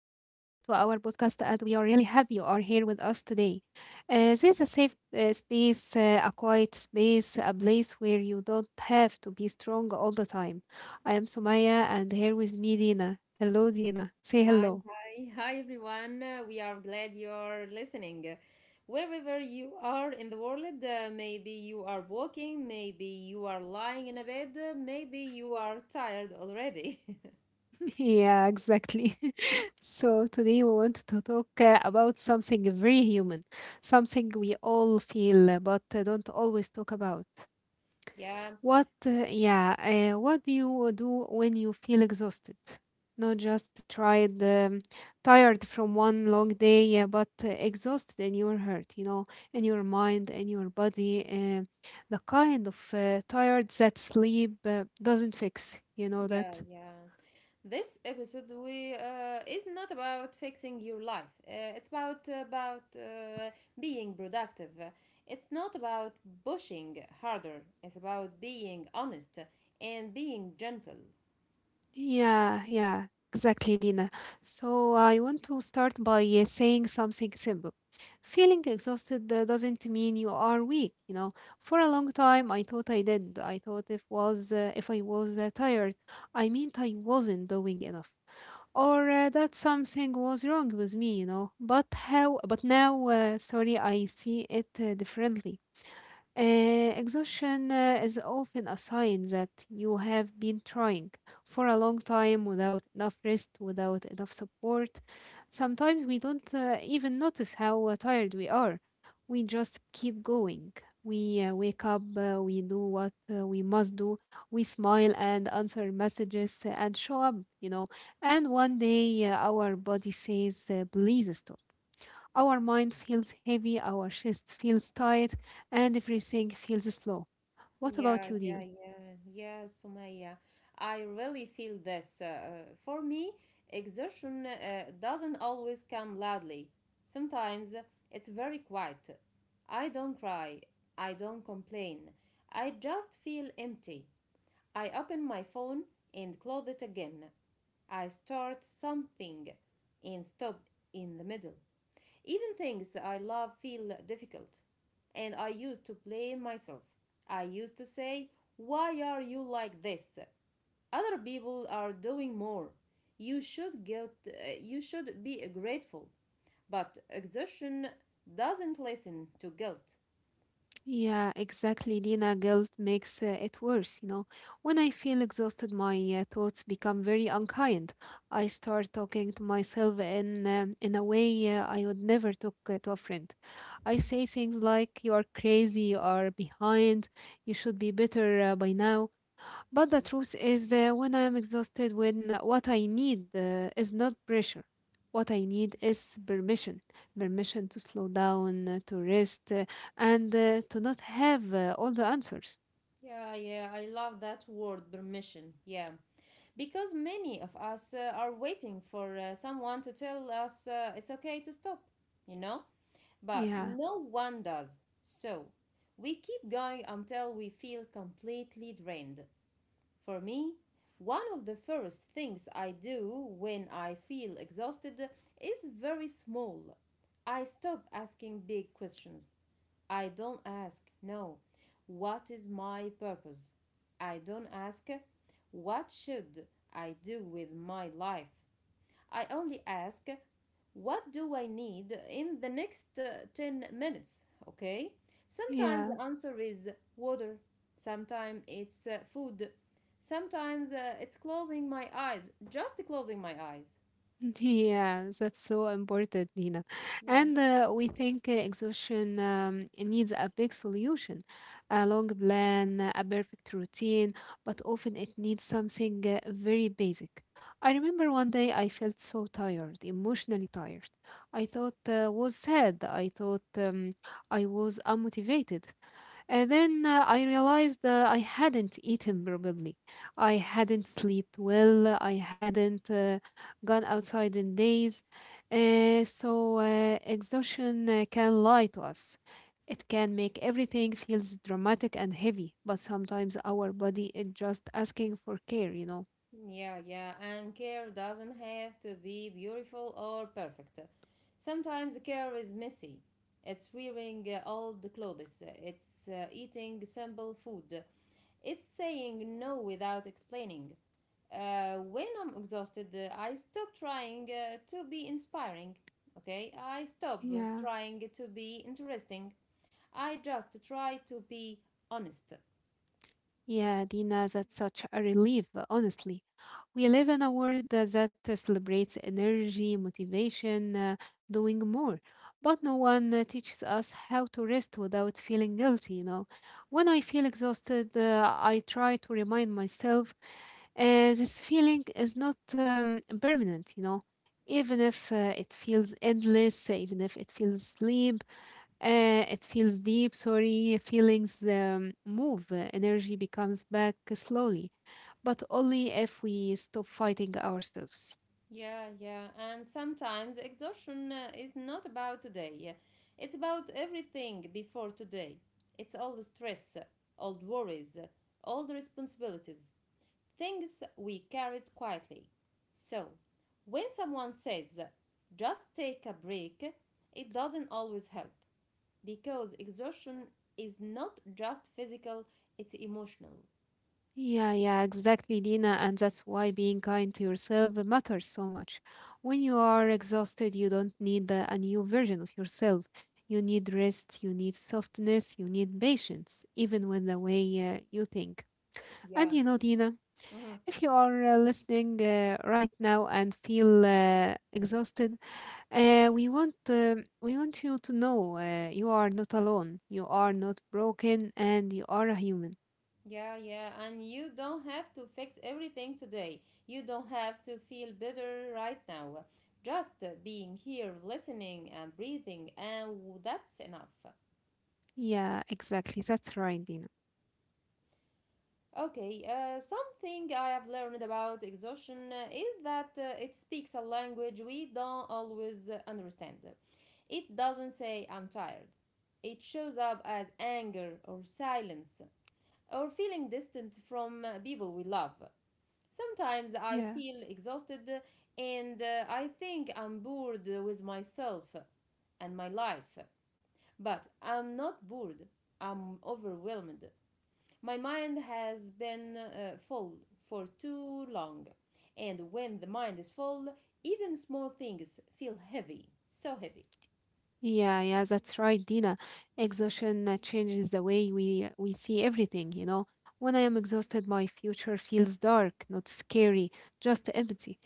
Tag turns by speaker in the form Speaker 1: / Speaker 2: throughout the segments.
Speaker 1: our podcast, and we are really happy you are here with us today. This is a safe space, a quiet space, a place where you don't have to be strong all the time. I am Sumaya, and here with me, Dina. Hello, Dina. Say
Speaker 2: Hi,
Speaker 1: hello.
Speaker 2: hi, hi everyone. We are glad you're listening. Wherever you are in the world, maybe you are walking, maybe you are lying in a bed, maybe you are tired already.
Speaker 1: Yeah, exactly. So, today we want to talk about something very human, something we all feel but don't always talk about.
Speaker 2: yeah,
Speaker 1: What do you do when you feel exhausted? Not just tired, tired from one long day, but exhausted in your heart, you know, in your mind, in your body. The kind of tired that sleep doesn't fix, you know
Speaker 2: yeah,
Speaker 1: that?
Speaker 2: yeah. This episode we is not about fixing your life. It's about being productive. It's not about pushing harder. It's about being honest and being gentle.
Speaker 1: Yeah, yeah, exactly, Dina. So I want to start by saying something simple. Feeling exhausted doesn't mean you are weak, you know. For a long time, I thought I did. I thought if I was tired, I meant I wasn't doing enough, or that something was wrong with me, you know. But how? But now, I see it differently. Exhaustion is often a sign that you have been trying for a long time without enough rest, without enough support. Sometimes we don't even notice how tired we are. We just keep going. We wake up, we do what we must do, we smile and answer messages and show up, you know. And one day our body says, please stop. Our mind feels heavy, our chest feels tight, and everything feels slow. What about
Speaker 2: Yeah,
Speaker 1: you, Dina?
Speaker 2: yeah, yeah, yeah, Sumaya. I really feel this. For me, exertion doesn't always come loudly. Sometimes it's very quiet. I don't cry. I don't complain. I just feel empty. I open my phone and close it again. I start something and stop in the middle. Even things I love feel difficult, and I used to blame myself. I used to say, why are you like this? Other people are doing more. You should get, uh, you should be grateful. But exhaustion doesn't listen to guilt.
Speaker 1: Yeah, exactly, Dina. Guilt makes it worse, you know. When I feel exhausted, my thoughts become very unkind. I start talking to myself in a way I would never talk to a friend. I say things like, "You are crazy," or behind," "You should be better by now." But the truth is, when I am exhausted, when what I need is not pressure. What I need is permission to slow down, to rest, and to not have all the answers.
Speaker 2: Yeah, yeah, I love that word, permission. Yeah. Because many of us are waiting for someone to tell us it's okay to stop, you know? But
Speaker 1: Yeah,
Speaker 2: no one does. So we keep going until we feel completely drained. For me, one of the first things I do when I feel exhausted is very small. I stop asking big questions. I don't ask, no, what is my purpose? I don't ask, what should I do with my life? I only ask, what do I need in the next 10 minutes? Okay? Sometimes
Speaker 1: yeah.
Speaker 2: the answer is water, sometimes it's food, sometimes it's closing my eyes, just closing my eyes.
Speaker 1: Yeah, that's so important, Nina. And
Speaker 2: Yes.
Speaker 1: we think exhaustion needs a big solution, a long plan, a perfect routine, but often it needs something very basic. I remember one day I felt so tired, emotionally tired. I thought was sad. I thought I was unmotivated. And then I realized I hadn't eaten probably, I hadn't slept well. I hadn't gone outside in days. So exhaustion can lie to us. It can make everything feels dramatic and heavy, but sometimes our body is just asking for care, you know.
Speaker 2: Yeah, yeah, and care doesn't have to be beautiful or perfect. Sometimes care is messy. It's wearing old clothes, it's eating simple food, it's saying no without explaining. When I'm exhausted, I stop trying to be inspiring, okay? I stop
Speaker 1: Yeah.
Speaker 2: trying to be interesting. I just try to be honest.
Speaker 1: Yeah, Dina, that's such a relief, honestly. We live in a world that celebrates energy, motivation, doing more. But no one teaches us how to rest without feeling guilty, you know. When I feel exhausted, I try to remind myself this feeling is not permanent, you know. Even if it feels endless, even if it feels sleep, it feels deep, sorry, feelings move, energy becomes back slowly, but only if we stop fighting ourselves.
Speaker 2: Yeah, yeah. And sometimes exhaustion is not about today. It's about everything before today. It's all the stress, old worries, all responsibilities, things we carried quietly. So, when someone says, just take a break, it doesn't always help because exhaustion is not just physical, it's emotional.
Speaker 1: Yeah, yeah, exactly, Dina, and that's why being kind to yourself matters so much. When you are exhausted, you don't need a new version of yourself. You need rest, you need softness, you need patience, even with the way you think. And
Speaker 2: Yeah.
Speaker 1: you know, Dina, if you are listening right now and feel exhausted, We want you to know you are not alone. You are not broken, and you are a human.
Speaker 2: Yeah, yeah, and you don't have to fix everything today. You don't have to feel better right now. Just being here, listening and breathing, and that's enough.
Speaker 1: Yeah, exactly. That's right, Dina.
Speaker 2: Okay, something I have learned about exhaustion is that it speaks a language we don't always understand. It doesn't say I'm tired, it shows up as anger or silence or feeling distant from people we love. Sometimes I
Speaker 1: Yeah.
Speaker 2: feel exhausted and I think I'm bored with myself and my life. But I'm not bored, I'm overwhelmed. My mind has been full for too long. And when the mind is full, even small things feel heavy, so heavy.
Speaker 1: Yeah, yeah, that's right, Dina. Exhaustion changes the way we see everything, you know. When I am exhausted, my future feels dark, not scary, just empty.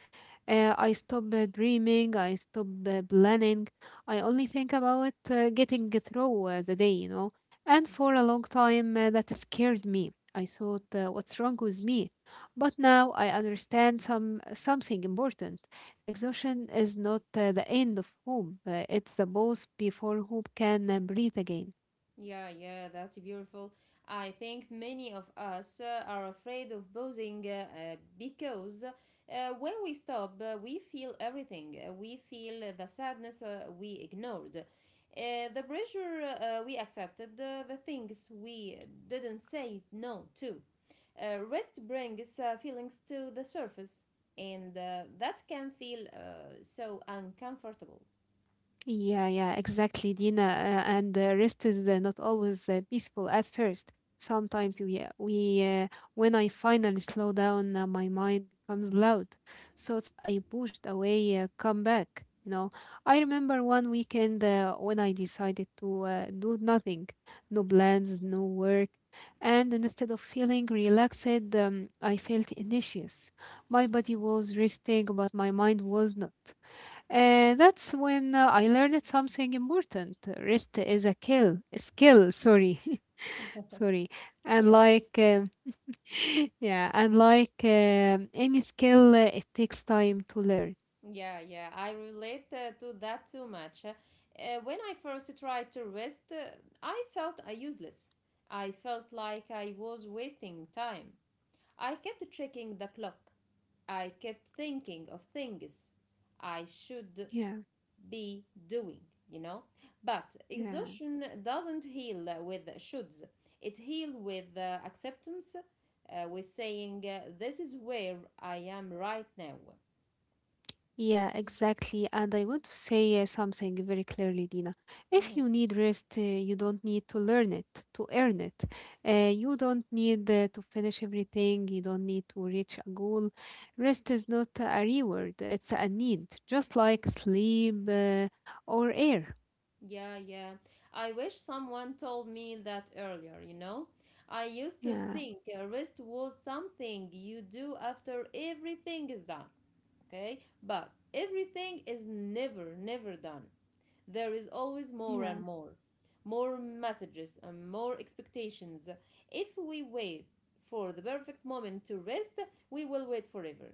Speaker 1: I stop dreaming, I stop planning. I only think about getting through the day, you know. And for a long time, that scared me. I thought, what's wrong with me? But now I understand something important. Exhaustion is not the end of hope, it's the pause before hope can breathe again.
Speaker 2: Yeah, yeah, that's beautiful. I think many of us are afraid of posing because when we stop, we feel everything. We feel the sadness we ignored, the pressure we accepted, the things we didn't say no to. Rest brings feelings to the surface, and that can feel so uncomfortable.
Speaker 1: Yeah, yeah, exactly, Dina. And rest is not always peaceful at first. Sometimes when I finally slow down, my mind becomes loud. Thoughts I pushed away come back. You know, I remember one weekend when I decided to do nothing, no plans, no work, and instead of feeling relaxed, I felt anxious. My body was resting, but my mind was not. That's when I learned something important. Rest is a kill skill. Sorry, sorry. And like, um, yeah, and like any skill, it takes time to learn.
Speaker 2: Yeah, yeah, I relate to that too much. When I first tried to rest, I felt useless. I felt like I was wasting time. I kept checking the clock. I kept thinking of things I should
Speaker 1: Yeah,
Speaker 2: be doing, you know? But
Speaker 1: yeah.
Speaker 2: exhaustion doesn't heal with shoulds, it heals with acceptance, with saying, this is where I am right now.
Speaker 1: Yeah, exactly. And I want to say something very clearly, Dina. If you need rest, you don't need to learn it, to earn it. You don't need to finish everything. You don't need to reach a goal. Rest is not a reward, it's a need, just like sleep or air.
Speaker 2: Yeah, yeah. I wish someone told me that earlier, you know? I used to
Speaker 1: Yeah,
Speaker 2: think a rest was something you do after everything is done, okay? But everything is never, never done. There is always more
Speaker 1: yeah,
Speaker 2: and more, more messages and more expectations. If we wait for the perfect moment to rest, we will wait forever.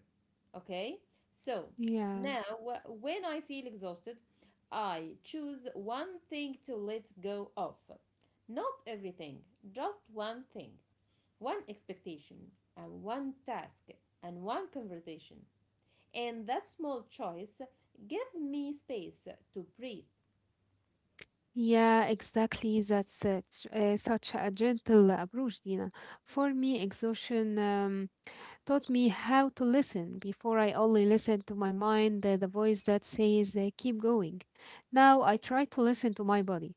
Speaker 2: Okay? So,
Speaker 1: yeah.
Speaker 2: now when I feel exhausted, I choose one thing to let go of. Not everything, just one thing, one expectation, and one task, and one conversation. And that small choice gives me space to breathe.
Speaker 1: Yeah, exactly. That's such, such a gentle approach, Dina. For me, exhaustion. Taught me how to listen. Before, I only listened to my mind, the voice that says, keep going. Now, I try to listen to my body.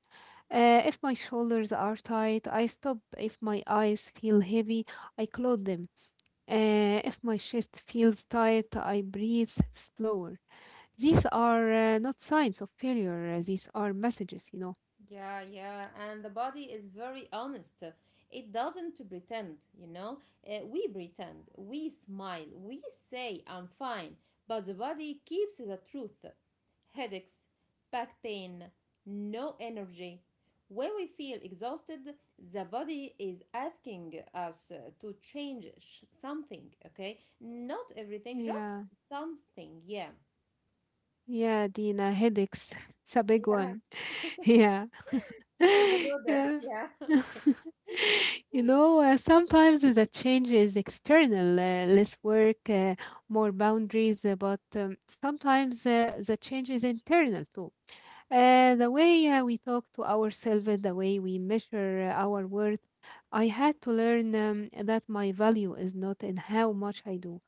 Speaker 1: If my shoulders are tight, I stop. If my eyes feel heavy, I close them. If my chest feels tight, I breathe slower. These are not signs of failure, these are messages, you know.
Speaker 2: Yeah, yeah, and the body is very honest. It doesn't to pretend, you know. We pretend, we smile, we say I'm fine, but the body keeps the truth. Headaches, back pain, no energy. When we feel exhausted, the body is asking us to change something, okay? Not everything, just
Speaker 1: Yeah,
Speaker 2: something, yeah.
Speaker 1: yeah, Dina, headaches. It's a big
Speaker 2: Yeah,
Speaker 1: one. Yeah.
Speaker 2: yeah, you know this,
Speaker 1: Yeah.
Speaker 2: yeah.
Speaker 1: You know, sometimes the change is external, less work, more boundaries, but sometimes the change is internal too. The way we talk to ourselves, the way we measure our worth, I had to learn that my value is not in how much I do.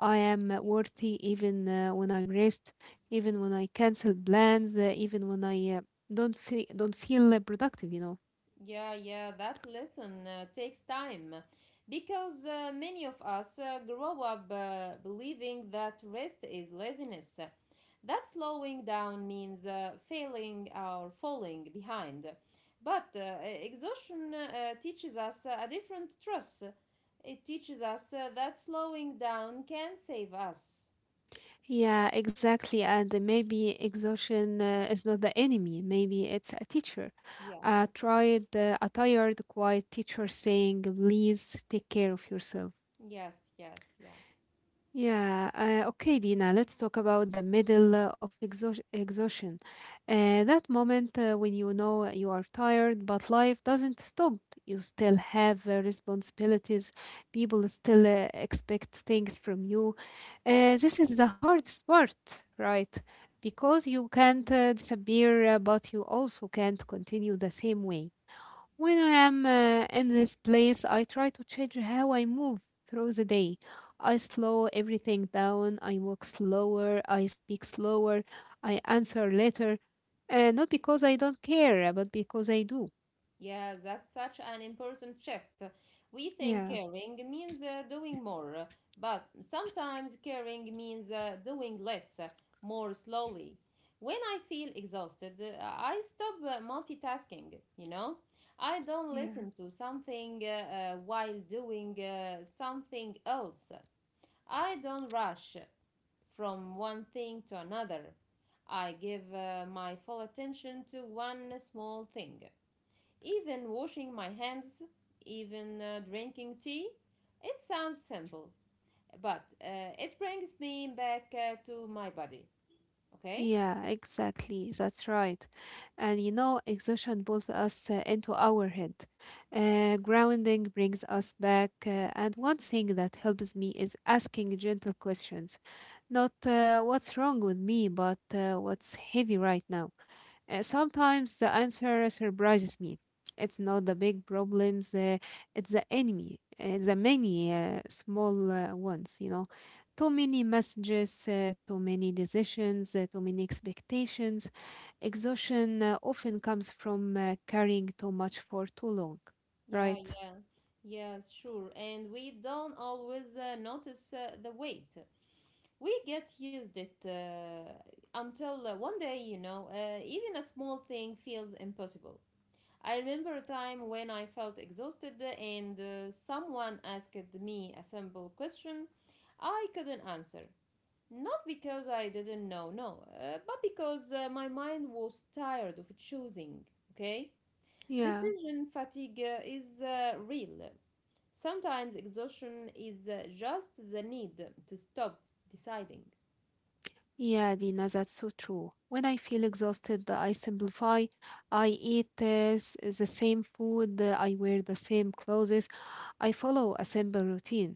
Speaker 1: I am worthy even when I rest, even when I cancel plans, even when I don't feel productive, you know.
Speaker 2: Yeah, yeah, that lesson takes time because many of us grow up believing that rest is laziness. That slowing down means failing or falling behind. But exhaustion teaches us a different truth. It teaches us that slowing down can save us.
Speaker 1: Yeah, exactly. And maybe exhaustion is not the enemy. Maybe it's a teacher.
Speaker 2: Yeah.
Speaker 1: I tried a tired, quiet teacher saying, "Please take care of yourself."
Speaker 2: Yes, yes, yeah.
Speaker 1: Yeah, okay, Dina, let's talk about the middle of exhaustion. That moment when you know you are tired, but life doesn't stop. You still have responsibilities, people still expect things from you. This is the hardest part, right? Because you can't disappear, but you also can't continue the same way. When I am in this place, I try to change how I move through the day. I slow everything down. I walk slower. I speak slower. I answer later. Not because I don't care, but because I do.
Speaker 2: Yes, that's such an important shift. We think
Speaker 1: Yeah,
Speaker 2: caring means doing more, but sometimes caring means doing less, more slowly. When I feel exhausted, I stop multitasking, you know? I don't
Speaker 1: yeah.
Speaker 2: listen to something while doing something else. I don't rush from one thing to another. I give my full attention to one small thing. Even washing my hands, even drinking tea. It sounds simple, but it brings me back to my body. Okay?
Speaker 1: Yeah, exactly. That's right. And you know, exhaustion pulls us into our head. Grounding brings us back. And one thing that helps me is asking gentle questions. Not what's wrong with me, but what's heavy right now. Sometimes the answer surprises me. It's not the big problems, it's the enemy, the many small ones, you know. Too many messages, too many decisions, too many expectations. Exhaustion often comes from carrying too much for too long,
Speaker 2: Yeah,
Speaker 1: right?
Speaker 2: yeah, yes, sure. And we don't always notice the weight. We get used it until one day, you know, even a small thing feels impossible. I remember a time when I felt exhausted and someone asked me a simple question I couldn't answer. Not because I didn't know, no, but because my mind was tired of choosing, okay?
Speaker 1: Yeah,
Speaker 2: Decision fatigue is real. Sometimes exhaustion is just the need to stop deciding.
Speaker 1: yeah, Dina, that's so true. When I feel exhausted, I simplify. I eat the same food, I wear the same clothes, I follow a simple routine.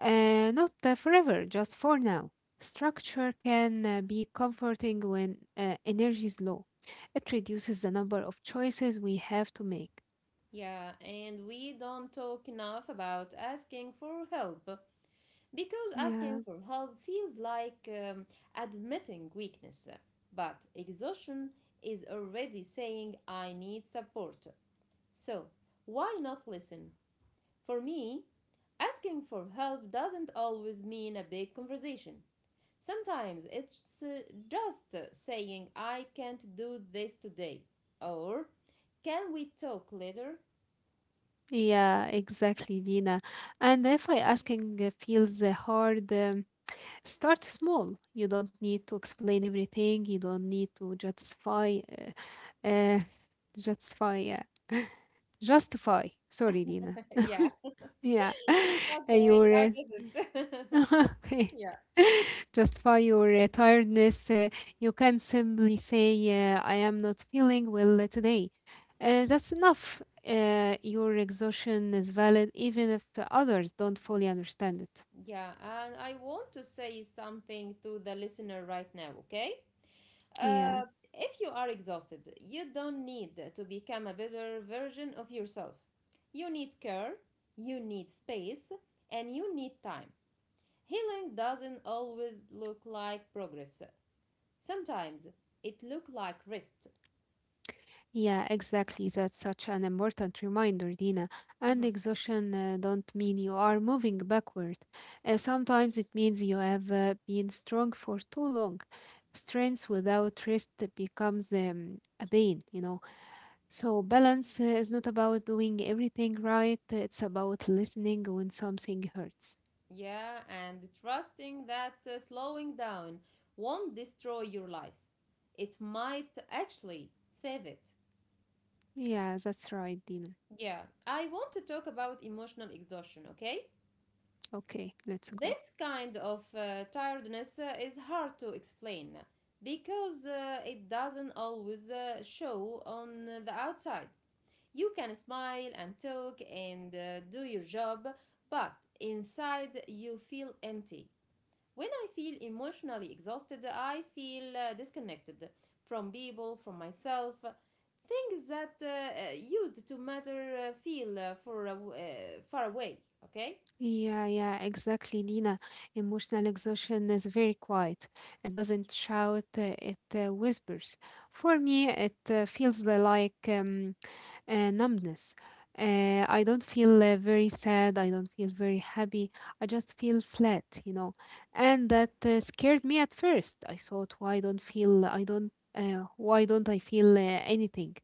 Speaker 1: Not forever, just for now. Structure can be comforting when energy is low. It reduces the number of choices we have to make.
Speaker 2: Yeah, and we don't talk enough about asking for help because
Speaker 1: Yeah,
Speaker 2: asking for help feels like admitting weakness. But exhaustion is already saying I need support. So, why not listen? For me, asking for help doesn't always mean a big conversation. Sometimes it's just saying, I can't do this today, or can we talk later?
Speaker 1: yeah, exactly, Dina. And if I asking feels hard, start small. You don't need to explain everything. You don't need to justify, uh, uh, justify, yeah, justify. Sorry, Dina.
Speaker 2: yeah,
Speaker 1: Yeah,
Speaker 2: okay,
Speaker 1: your
Speaker 2: I get it.
Speaker 1: Okay.
Speaker 2: Yeah.
Speaker 1: Just for your tiredness. You can simply say, I am not feeling well today. That's enough. Your exhaustion is valid even if others don't fully understand it.
Speaker 2: Yeah, and I want to say something to the listener right now, okay?
Speaker 1: Yeah.
Speaker 2: Uh, if you are exhausted, you don't need to become a better version of yourself. You need care, you need space, and you need time. Healing doesn't always look like progress. Sometimes it looks like rest.
Speaker 1: Yeah, exactly. That's such an important reminder, Dina. And
Speaker 2: Mhm.
Speaker 1: exhaustion don't mean you are moving backward. Sometimes it means you have been strong for too long. Strength without rest becomes a pain, you know. So balance is not about doing everything right. It's about listening when something hurts.
Speaker 2: Yeah, and trusting that slowing down won't destroy your life. It might actually save it.
Speaker 1: Yeah, that's right, Dina.
Speaker 2: Yeah, I want to talk about emotional exhaustion, okay?
Speaker 1: Okay, let's go.
Speaker 2: This kind of tiredness is hard to explain because it doesn't always show on the outside. You can smile and talk and do your job, but inside you feel empty. When I feel emotionally exhausted, I feel disconnected from people, from myself. Things that used to matter feel far away, okay?
Speaker 1: Yeah, yeah, exactly, Nina. Emotional exhaustion is very quiet. It doesn't shout, it whispers. For me, it feels like numbness. I don't feel very sad. I don't feel very happy. I just feel flat. And that scared me at first. I thought, why don't feel? I don't. Why don't I feel anything?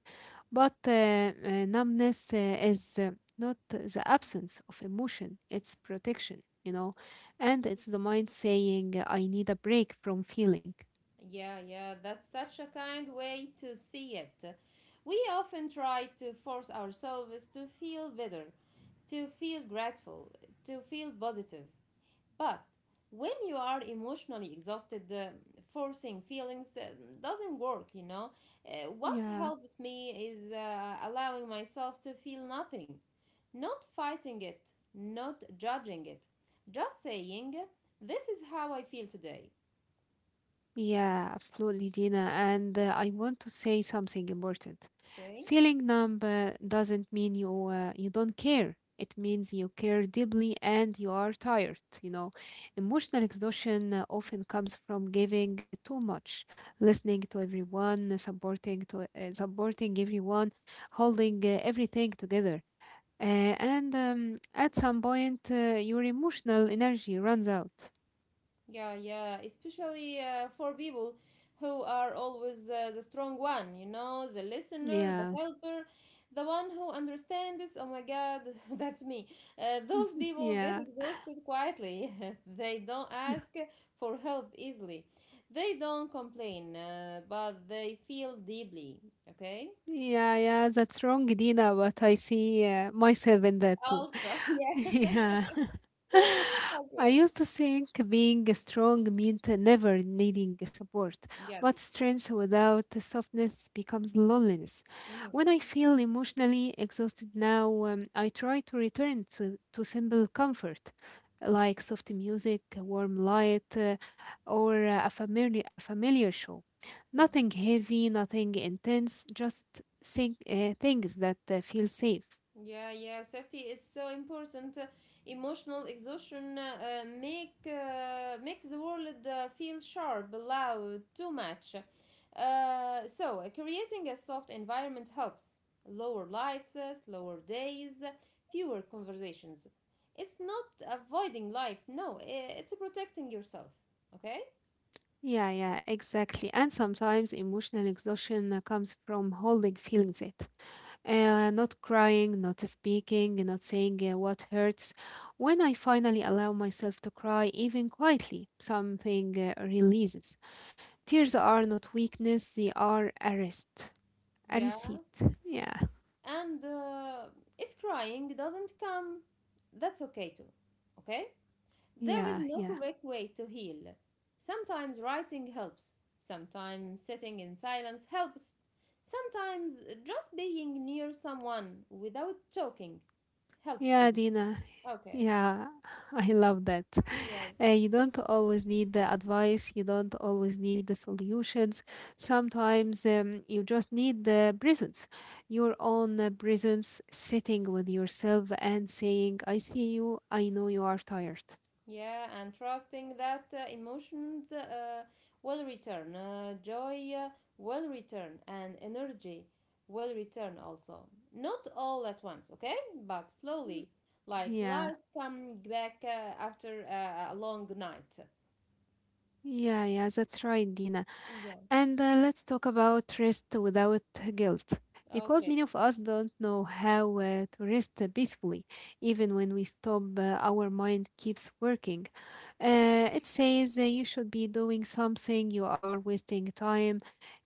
Speaker 1: But numbness is not the absence of emotion. It's protection. And it's the mind saying, I need a break from feeling.
Speaker 2: Yeah, yeah, that's such a kind way to see it. We often try to force ourselves to feel better, to feel grateful, to feel positive. But when you are emotionally exhausted, forcing feelings doesn't work, you know. Uh, what
Speaker 1: Yeah.
Speaker 2: helps me is uh, allowing myself to feel nothing, not fighting it, not judging it, just saying, this is how I feel today.
Speaker 1: Yeah, absolutely, Dina. And I want to say something important.
Speaker 2: Okay.
Speaker 1: Feeling numb doesn't mean you don't care. It means you care deeply and you are tired. Emotional exhaustion often comes from giving too much, listening to everyone, supporting everyone, holding everything together. And at some point, your emotional energy runs out.
Speaker 2: Yeah, yeah, especially for people who are always the strong one, you know, the listener, the
Speaker 1: Yeah,
Speaker 2: helper, the one who understands. Oh my God, that's me. Those people get
Speaker 1: yeah.
Speaker 2: exhausted quietly. They don't ask for help easily. They don't complain, but they feel deeply. Okay?
Speaker 1: Yeah, yeah, that's wrong, Dina, but I see myself in that too.
Speaker 2: Also, yeah.
Speaker 1: Yeah. I
Speaker 2: Okay.
Speaker 1: used to think being strong meant never needing support, but
Speaker 2: Yes.
Speaker 1: strength without softness becomes loneliness.
Speaker 2: Mhm.
Speaker 1: When I feel emotionally exhausted now, I try to return to simple comfort, like soft music, warm light, or a familiar show. Nothing heavy, nothing intense, just think, things that feel safe.
Speaker 2: Yeah, yeah, safety is so important. Emotional exhaustion makes the world feel sharp, loud, too much. So, creating a soft environment helps. Lower lights, slower days, fewer conversations. It's not avoiding life, no, it's protecting yourself. Okay?
Speaker 1: Yeah, yeah, exactly. And sometimes emotional exhaustion comes from holding feelings in. Not crying, not speaking, not saying what hurts. When I finally allow myself to cry, even quietly, something releases. Tears are not weakness, they are a rest. A
Speaker 2: Yeah.
Speaker 1: receipt. Yeah,
Speaker 2: And if crying doesn't come, that's okay too. Okay? There is
Speaker 1: yeah,
Speaker 2: no
Speaker 1: yeah.
Speaker 2: correct way to heal. Sometimes writing helps, sometimes sitting in silence helps, sometimes just being near someone without talking helps.
Speaker 1: Yeah,
Speaker 2: It.
Speaker 1: Dina.
Speaker 2: Okay.
Speaker 1: Yeah, I love that.
Speaker 2: Yes.
Speaker 1: You don't always need the advice, you don't always need the solutions. Sometimes you just need the presence, your own presence, sitting with yourself and saying, I see you, I know you are tired.
Speaker 2: Yeah, and trusting that emotions will return, joy will return, and energy will return also. Not all at once, okay? But slowly, like
Speaker 1: Yeah,
Speaker 2: light coming back after a long night.
Speaker 1: yeah, yeah, that's right, Dina.
Speaker 2: Yeah.
Speaker 1: And let's talk about rest without guilt, because
Speaker 2: Okay.
Speaker 1: many of us don't know how to rest peacefully, even when we stop, our mind keeps working. It says you should be doing something, you are wasting time,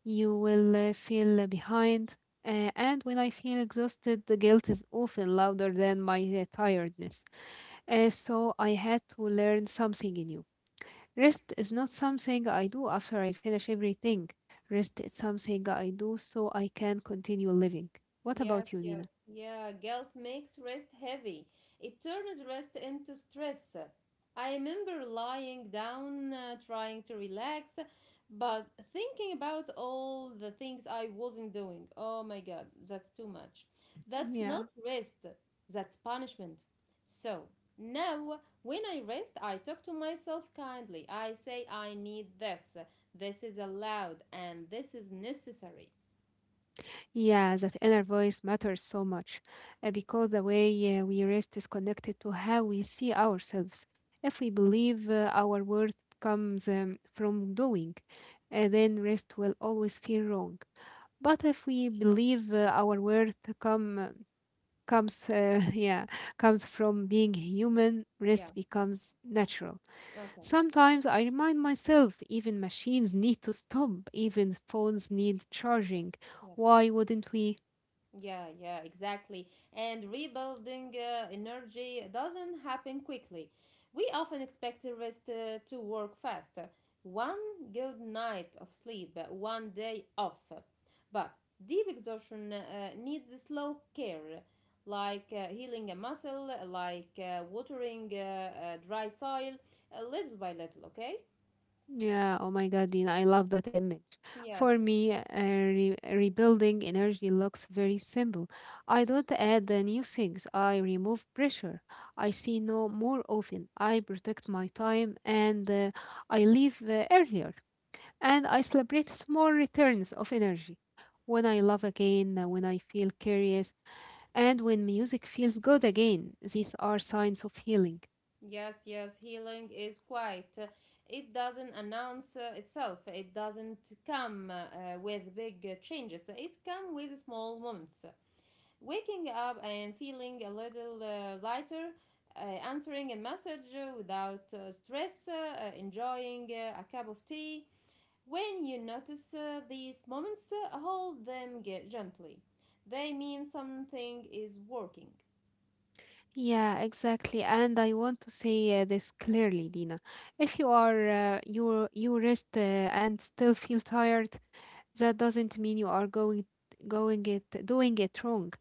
Speaker 1: you will feel behind. And when I feel exhausted, the guilt is often louder than my tiredness. So I had to learn something new. Rest is not something I do after I finish everything. Rest is something I do so I can continue living. What
Speaker 2: Yes,
Speaker 1: about you, Nina?
Speaker 2: yes. Yeah, guilt makes rest heavy. It turns rest into stress. I remember lying down, trying to relax, but thinking about all the things I wasn't doing. Oh my God, that's too much. That's not
Speaker 1: Yeah.
Speaker 2: rest, that's punishment. So now, when I rest, I talk to myself kindly. I say, I need this. This is allowed and this is necessary.
Speaker 1: Yeah, that inner voice matters so much because the way we rest is connected to how we see ourselves. If we believe our worth comes from doing, then rest will always feel wrong. But if we believe our worth comes yeah comes from being human,
Speaker 2: Yeah,
Speaker 1: rest becomes natural.
Speaker 2: okay,
Speaker 1: Sometimes I remind myself, even machines need to stop, even phones need charging.
Speaker 2: yes.
Speaker 1: Why wouldn't we?
Speaker 2: Yeah, yeah, exactly. And rebuilding energy doesn't happen quickly. We often expect the rest to work fast. One good night of sleep, one day off. But deep exhaustion needs slow care, like healing a muscle, like watering dry soil, little by little, okay?
Speaker 1: Yeah, oh my god, Dina, I love that image. For
Speaker 2: Yes.
Speaker 1: me rebuilding energy looks very simple. I don't add the new things, I remove pressure. I see no more often, I protect my time, and I leave earlier, and I celebrate small returns of energy. When I love again, when I feel curious, and when music feels good again, these are signs of healing.
Speaker 2: Yes, yes, healing is quiet. It doesn't announce itself. It doesn't come with big changes. It comes with small moments. Waking up and feeling a little lighter, uh, answering a message without stress, enjoying a cup of tea. When you notice these moments, hold them gently. They mean something is working.
Speaker 1: Yeah, exactly. And I want to say this clearly, Dina. If you you rest and still feel tired, that doesn't mean you are going going it doing it wrong.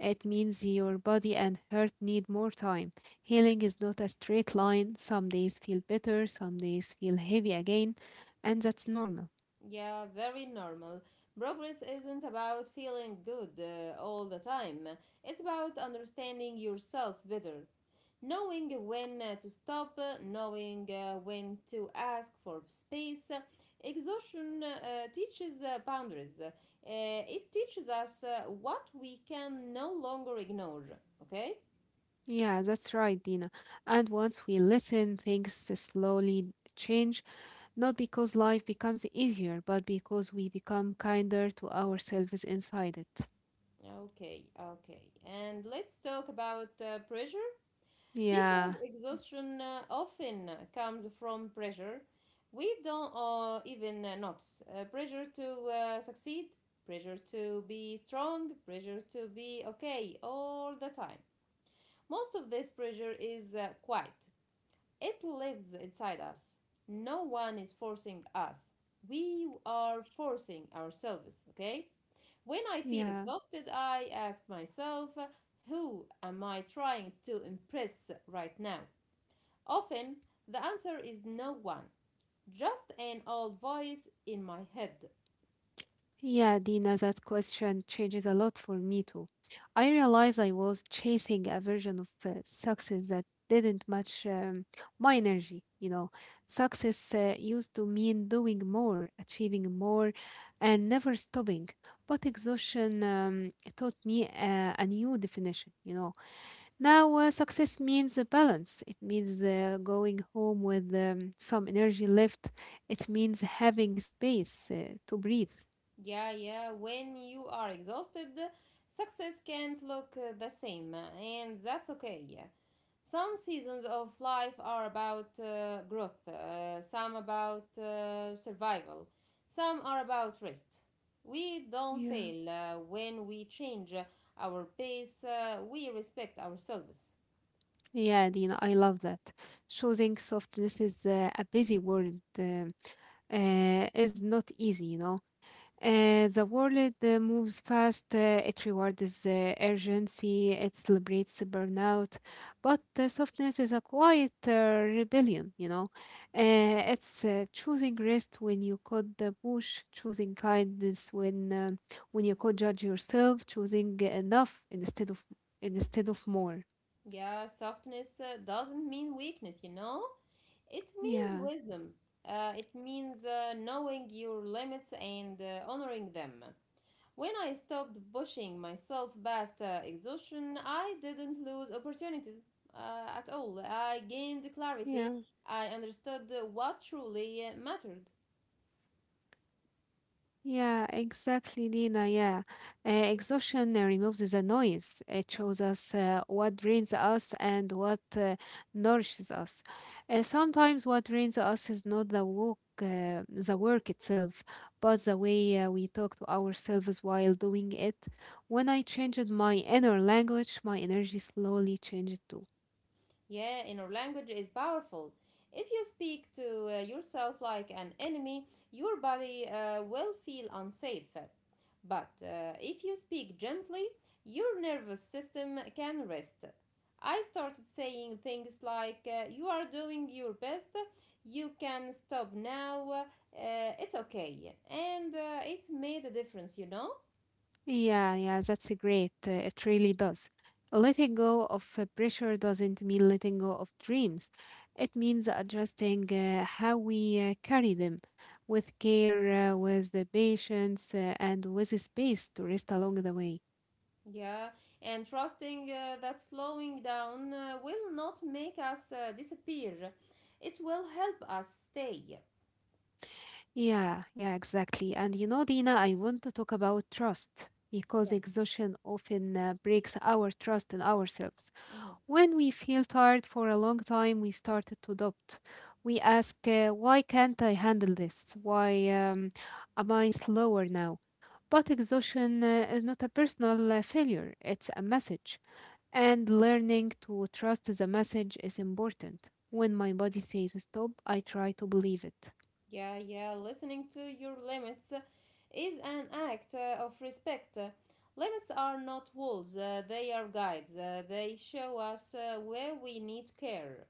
Speaker 1: It means your body and heart need more time. Healing is not a straight line. Some days feel better, some days feel heavy again, and that's normal.
Speaker 2: Yeah, very normal. Progress isn't about feeling good all the time. It's about understanding yourself better, knowing when to stop, knowing when to ask for space. Exhaustion teaches boundaries. It teaches us what we can no longer ignore. Okay?
Speaker 1: Yeah, that's right, Dina. And once we listen, things slowly change, not because life becomes easier, but because we become kinder to ourselves inside it.
Speaker 2: Okay, okay. And let's talk about pressure. Because
Speaker 1: Yeah,
Speaker 2: exhaustion often comes from pressure we don't even notice. Pressure to succeed, pressure to be strong, pressure to be okay all the time. Most of this pressure is quiet, it lives inside us. No one is forcing us, we are forcing ourselves, okay? When I feel
Speaker 1: yeah.
Speaker 2: exhausted, I ask myself, who am I trying to impress right now? Often the answer is no one, just an old voice in my head.
Speaker 1: Yeah, Dina, that question changes a lot for me too. I realized I was chasing a version of success that didn't match my energy. You know, success used to mean doing more, achieving more, and never stopping. But exhaustion taught me a new definition. You know, now success means a balance. It means going home with some energy left. It means having space to breathe.
Speaker 2: Yeah, yeah, when you are exhausted, success can't look the same, and that's okay. Some seasons of life are about growth, some about survival, some are about rest. We don't
Speaker 1: Yeah.
Speaker 2: fail when we change our pace, we respect ourselves.
Speaker 1: Yeah, Dina, I love that. Choosing softness is a busy world is not easy, you know. The world moves fast. It rewards urgency. It celebrates burnout, but softness is a quiet rebellion, you know. It's choosing rest when you could push, choosing kindness when you could judge yourself, choosing enough instead of more.
Speaker 2: Yeah, softness doesn't mean weakness, you know? It means
Speaker 1: Yeah,
Speaker 2: wisdom. It means knowing your limits and honoring them. When I stopped pushing myself past exhaustion, I didn't lose opportunities at all. I gained clarity.
Speaker 1: yeah.
Speaker 2: I understood what truly mattered.
Speaker 1: Yeah, exactly, Nina. Yeah. Exhaustion removes the noise. It shows us what drains us and what nourishes us. Sometimes what drains us is not the work itself, but the way we talk to ourselves while doing it. When I changed my inner language, my energy slowly changed too.
Speaker 2: Yeah, inner language is powerful. If you speak to yourself like an enemy, your body will feel unsafe. But if you speak gently, your nervous system can rest. I started saying things like, you are doing your best, you can stop now, it's okay. And it made a difference.
Speaker 1: Yeah, yeah, that's a great. It really does. Letting go of pressure doesn't mean letting go of dreams. It means adjusting how we carry them with care, with the patience, and with space to rest along the way.
Speaker 2: Yeah, and trusting that slowing down will not make us disappear. It will help us stay.
Speaker 1: Yeah, yeah, exactly. And you know, Dina, I want to talk about trust because
Speaker 2: Yes.
Speaker 1: exhaustion often breaks our trust in ourselves.
Speaker 2: Mhm.
Speaker 1: When we feel tired for a long time, we started to doubt. We ask, why can't I handle this? Why am I slower now? But exhaustion is not a personal failure, it's a message. And learning to trust the message is important. When my body says stop, I try to believe it.
Speaker 2: Yeah, yeah, listening to your limits is an act of respect. Limits are not walls, they are guides. They show us where we need care.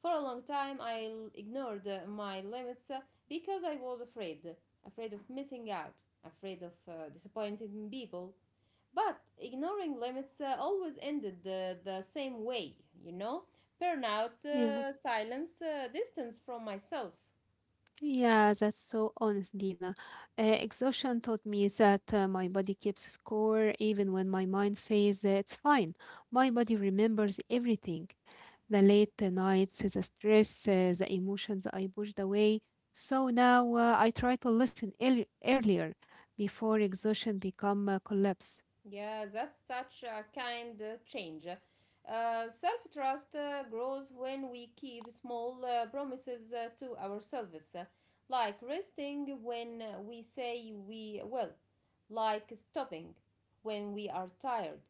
Speaker 2: For a long time, ignored my limits because I was afraid. Afraid of missing out, afraid of disappointing people. But ignoring limits always ended the same way, you know? Burnout,
Speaker 1: Yeah.
Speaker 2: silence, distance from myself.
Speaker 1: Yeah, that's so honest, Dina. Exhaustion taught me that my body keeps score even when my mind says it's fine. My body remembers everything, the late nights, the stress, the emotions I pushed away. So now I try to listen earlier before exhaustion become a collapse.
Speaker 2: Yeah, that's such a kind change. Self trust grows when we keep small promises to ourselves, like resting when we say we will, like stopping when we are tired,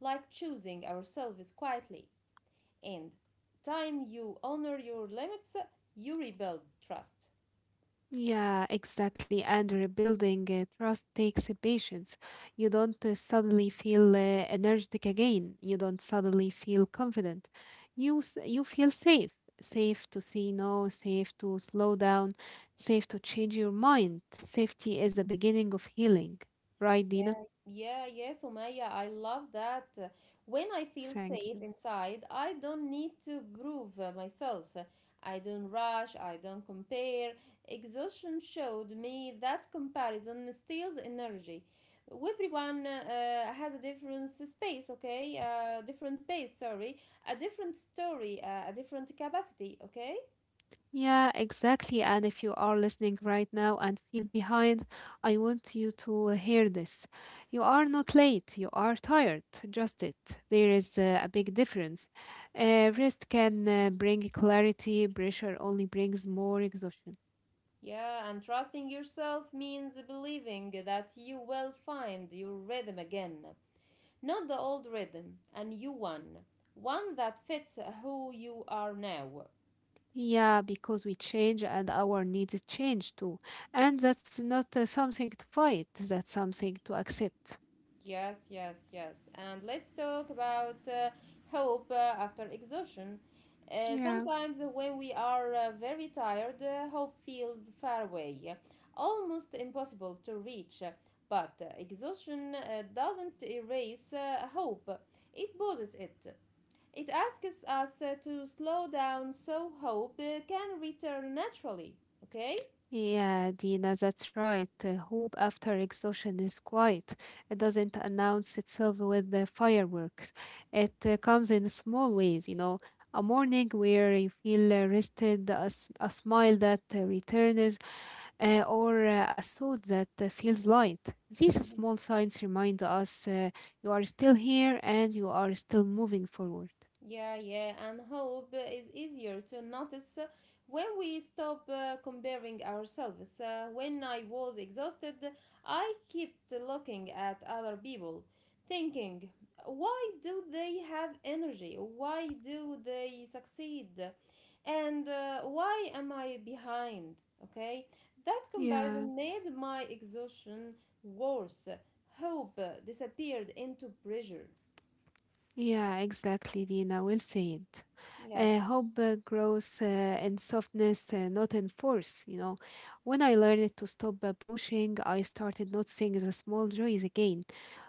Speaker 2: like choosing ourselves quietly. And time you honor your limits, you rebuild trust.
Speaker 1: Yeah, exactly. And rebuilding trust takes patience. You don't suddenly feel energetic again. You don't suddenly feel confident. You feel safe, safe to say no, safe to slow down, safe to change your mind. Safety is the beginning of healing, right, Dina?
Speaker 2: Yeah. Yeah, yes, Umaya, I love that. When I feel
Speaker 1: Thank
Speaker 2: safe
Speaker 1: you.
Speaker 2: inside, I don't need to prove myself. I don't rush, I don't compare. Exhaustion showed me that comparison steals energy. Everyone has a different space, okay? Different pace, sorry. A different story, a different capacity, okay?
Speaker 1: Yeah, exactly. And if you are listening right now and feel behind, I want you to hear this. You are not late, you are tired, just it. There is a big difference. Rest can bring clarity, pressure only brings more exhaustion.
Speaker 2: Yeah, and trusting yourself means believing that you will find your rhythm again. Not the old rhythm, a new one. One that fits who you are now.
Speaker 1: Yeah, because we change and our needs change too. And that's not something to fight, that's something to accept.
Speaker 2: Yes, yes, yes. And let's talk about hope after exhaustion.
Speaker 1: Yeah.
Speaker 2: Sometimes when we are very tired, hope feels far away, almost impossible to reach. But exhaustion doesn't erase hope, it pauses it. It asks us to slow down so hope can return naturally. Okay?
Speaker 1: Yeah, Dina, that's right. Hope after exhaustion is quiet. It doesn't announce itself with the fireworks. It comes in small ways, you know, a morning where you feel rested, a smile that returns, or a thought that feels light. These small signs remind us you are still here and you are still moving forward.
Speaker 2: Yeah, yeah, and hope is easier to notice when we stop comparing ourselves. When I was exhausted, I kept looking at other people, thinking, why do they have energy? Why do they succeed? And why am I behind? Okay, that
Speaker 1: Yeah.
Speaker 2: comparison made my exhaustion worse. Hope disappeared into pressure.
Speaker 1: Yeah, exactly, Dina. Well said.
Speaker 2: Yes.
Speaker 1: Hope grows in softness, not in force. You know, when I learned to stop pushing, I started noticing the small joys again,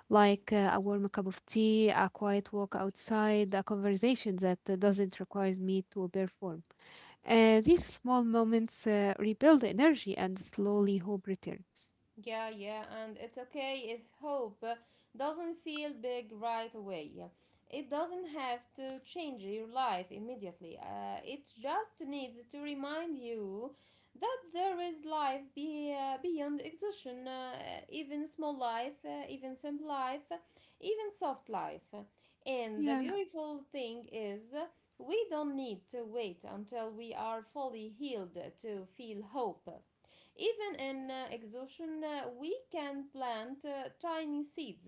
Speaker 1: like a warm cup of tea, a quiet walk outside, a conversation that doesn't require me to perform. These small moments rebuild energy, and slowly hope returns.
Speaker 2: Yeah, yeah, and it's okay if hope doesn't feel big right away. It doesn't have to change your life immediately. It just needs to remind you that there is life beyond exhaustion, even small life, even simple life, even soft life. And the
Speaker 1: Yeah.
Speaker 2: beautiful thing is, we don't need to wait until we are fully healed to feel hope. Even in exhaustion, we can plant tiny seeds,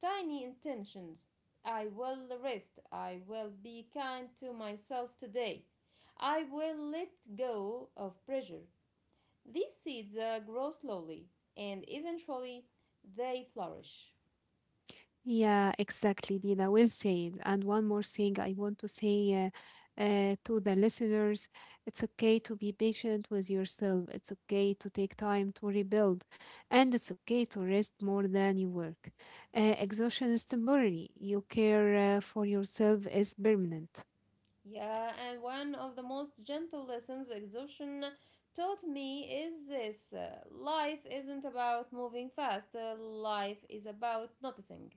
Speaker 2: tiny intentions. I will rest. I will be kind to myself today. I will let go of pressure. These seeds grow slowly and eventually they flourish.
Speaker 1: Yeah, exactly, Dina. Well said. And one more thing I want to say to the listeners, it's okay to be patient with yourself, it's okay to take time to rebuild, and it's okay to rest more than you work. Exhaustion is temporary, your care for yourself is permanent.
Speaker 2: Yeah, and one of the most gentle lessons exhaustion taught me is this: life isn't about moving fast, life is about noticing,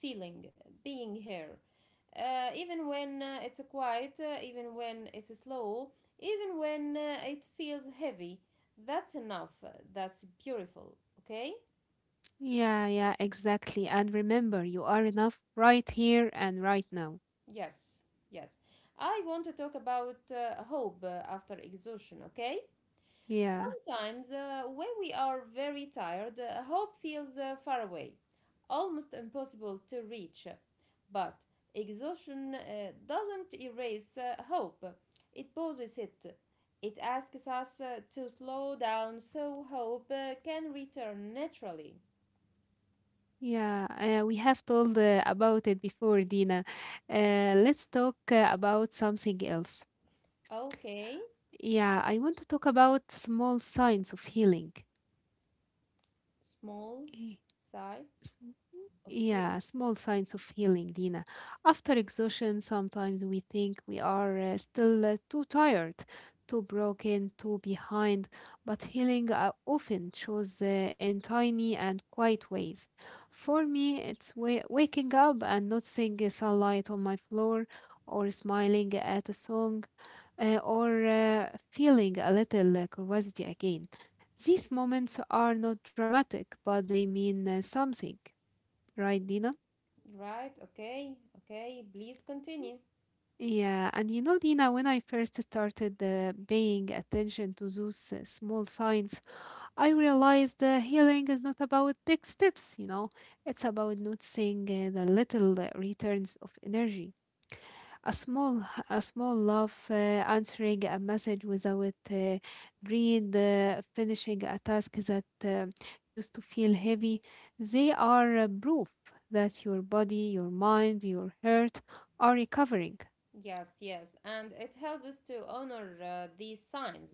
Speaker 2: feeling, being here. Even when it's quiet, even when it's slow, even when it feels heavy, that's enough. That's beautiful, okay?
Speaker 1: Yeah, yeah, exactly. And remember, you are enough right here and right now.
Speaker 2: Yes, yes. I want to talk about hope after exhaustion, okay?
Speaker 1: Yeah.
Speaker 2: Sometimes, when we are very tired, hope feels far away, almost impossible to reach. But exhaustion doesn't erase hope, it pauses it. It asks us to slow down so hope can return naturally.
Speaker 1: Yeah, we have told about it before, Dina. Let's talk about something else.
Speaker 2: Okay,
Speaker 1: Yeah, I want to talk about small signs of healing.
Speaker 2: small
Speaker 1: Eh,
Speaker 2: sigh
Speaker 1: s-
Speaker 2: of
Speaker 1: Yeah,
Speaker 2: healing.
Speaker 1: small signs of healing, Dina. After exhaustion, sometimes we think we are still too tired, too broken, too behind, but healing often shows in tiny and quiet ways. For me, it's waking up and noticing sunlight on my floor, or smiling at a song, or feeling a little curiosity again. These moments are not dramatic, but they mean something, right, Dina?
Speaker 2: Right, okay, okay, please continue.
Speaker 1: Yeah, and you know, Dina, when I first started paying attention to those small signs, I realized healing is not about big steps, you know, it's about noticing the little returns of energy. A small, a small love, answering a message without dread, finishing a task that used to feel heavy. They are proof that your body, your mind, your heart are recovering.
Speaker 2: Yes, yes, and it helps to honor these signs.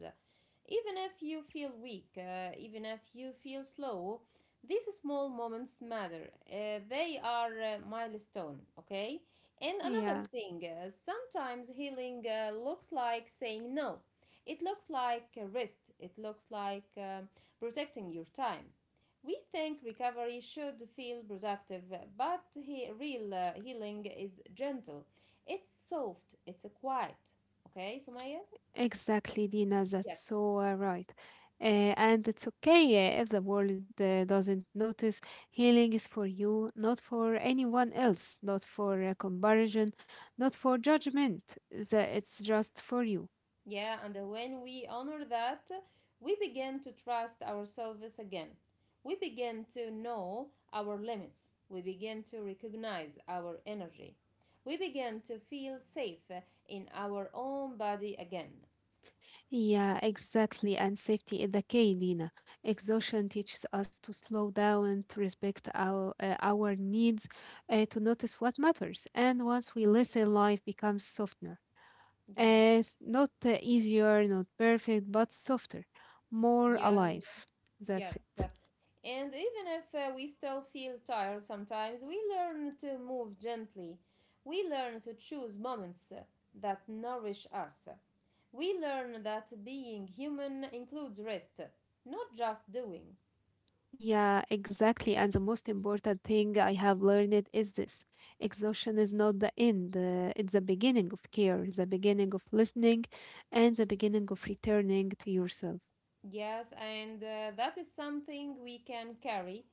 Speaker 2: Even if you feel weak, even if you feel slow, these small moments matter. They are a milestone, okay? And another
Speaker 1: Yeah.
Speaker 2: thing, sometimes healing looks like saying no. It looks like a rest, it looks like protecting your time. We think recovery should feel productive, but real healing is gentle. It's soft, it's quiet. Okay, Sumaya?
Speaker 1: Exactly, Dina. That's
Speaker 2: Yes.
Speaker 1: so right. And it's okay if the world doesn't notice. Healing is for you, not for anyone else, not for comparison, not for judgment. It's just for you.
Speaker 2: Yeah, and when we honor that, we begin to trust ourselves again. We begin to know our limits. We begin to recognize our energy. We begin to feel safe in our own body again.
Speaker 1: Yeah, exactly. And safety is the key, Dina. Exhaustion teaches us to slow down, to respect our needs, to notice what matters. And once we listen, life becomes softer.
Speaker 2: Yeah.
Speaker 1: As not easier, not perfect, but softer, more
Speaker 2: Yeah.
Speaker 1: alive. That's
Speaker 2: Yes.
Speaker 1: it.
Speaker 2: And even if we still feel tired sometimes, we learn to move gently. We learn to choose moments that nourish us. We learn that being human includes rest, not just doing.
Speaker 1: Yeah, exactly. And the most important thing I have learned is this exhaustion is not the end, it's the beginning of care, the beginning of listening, and the beginning of returning to yourself.
Speaker 2: Yes, and that is something we can carry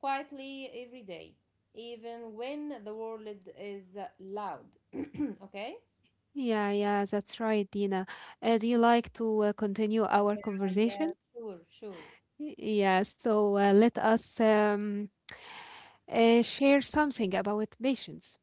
Speaker 2: quietly every day, even when the world is loud. Okay?
Speaker 1: Yeah, that's right, Dina. Do you like to continue our
Speaker 2: Yeah,
Speaker 1: conversation?
Speaker 2: yeah, sure, sure.
Speaker 1: Yeah, so let us share something about patience.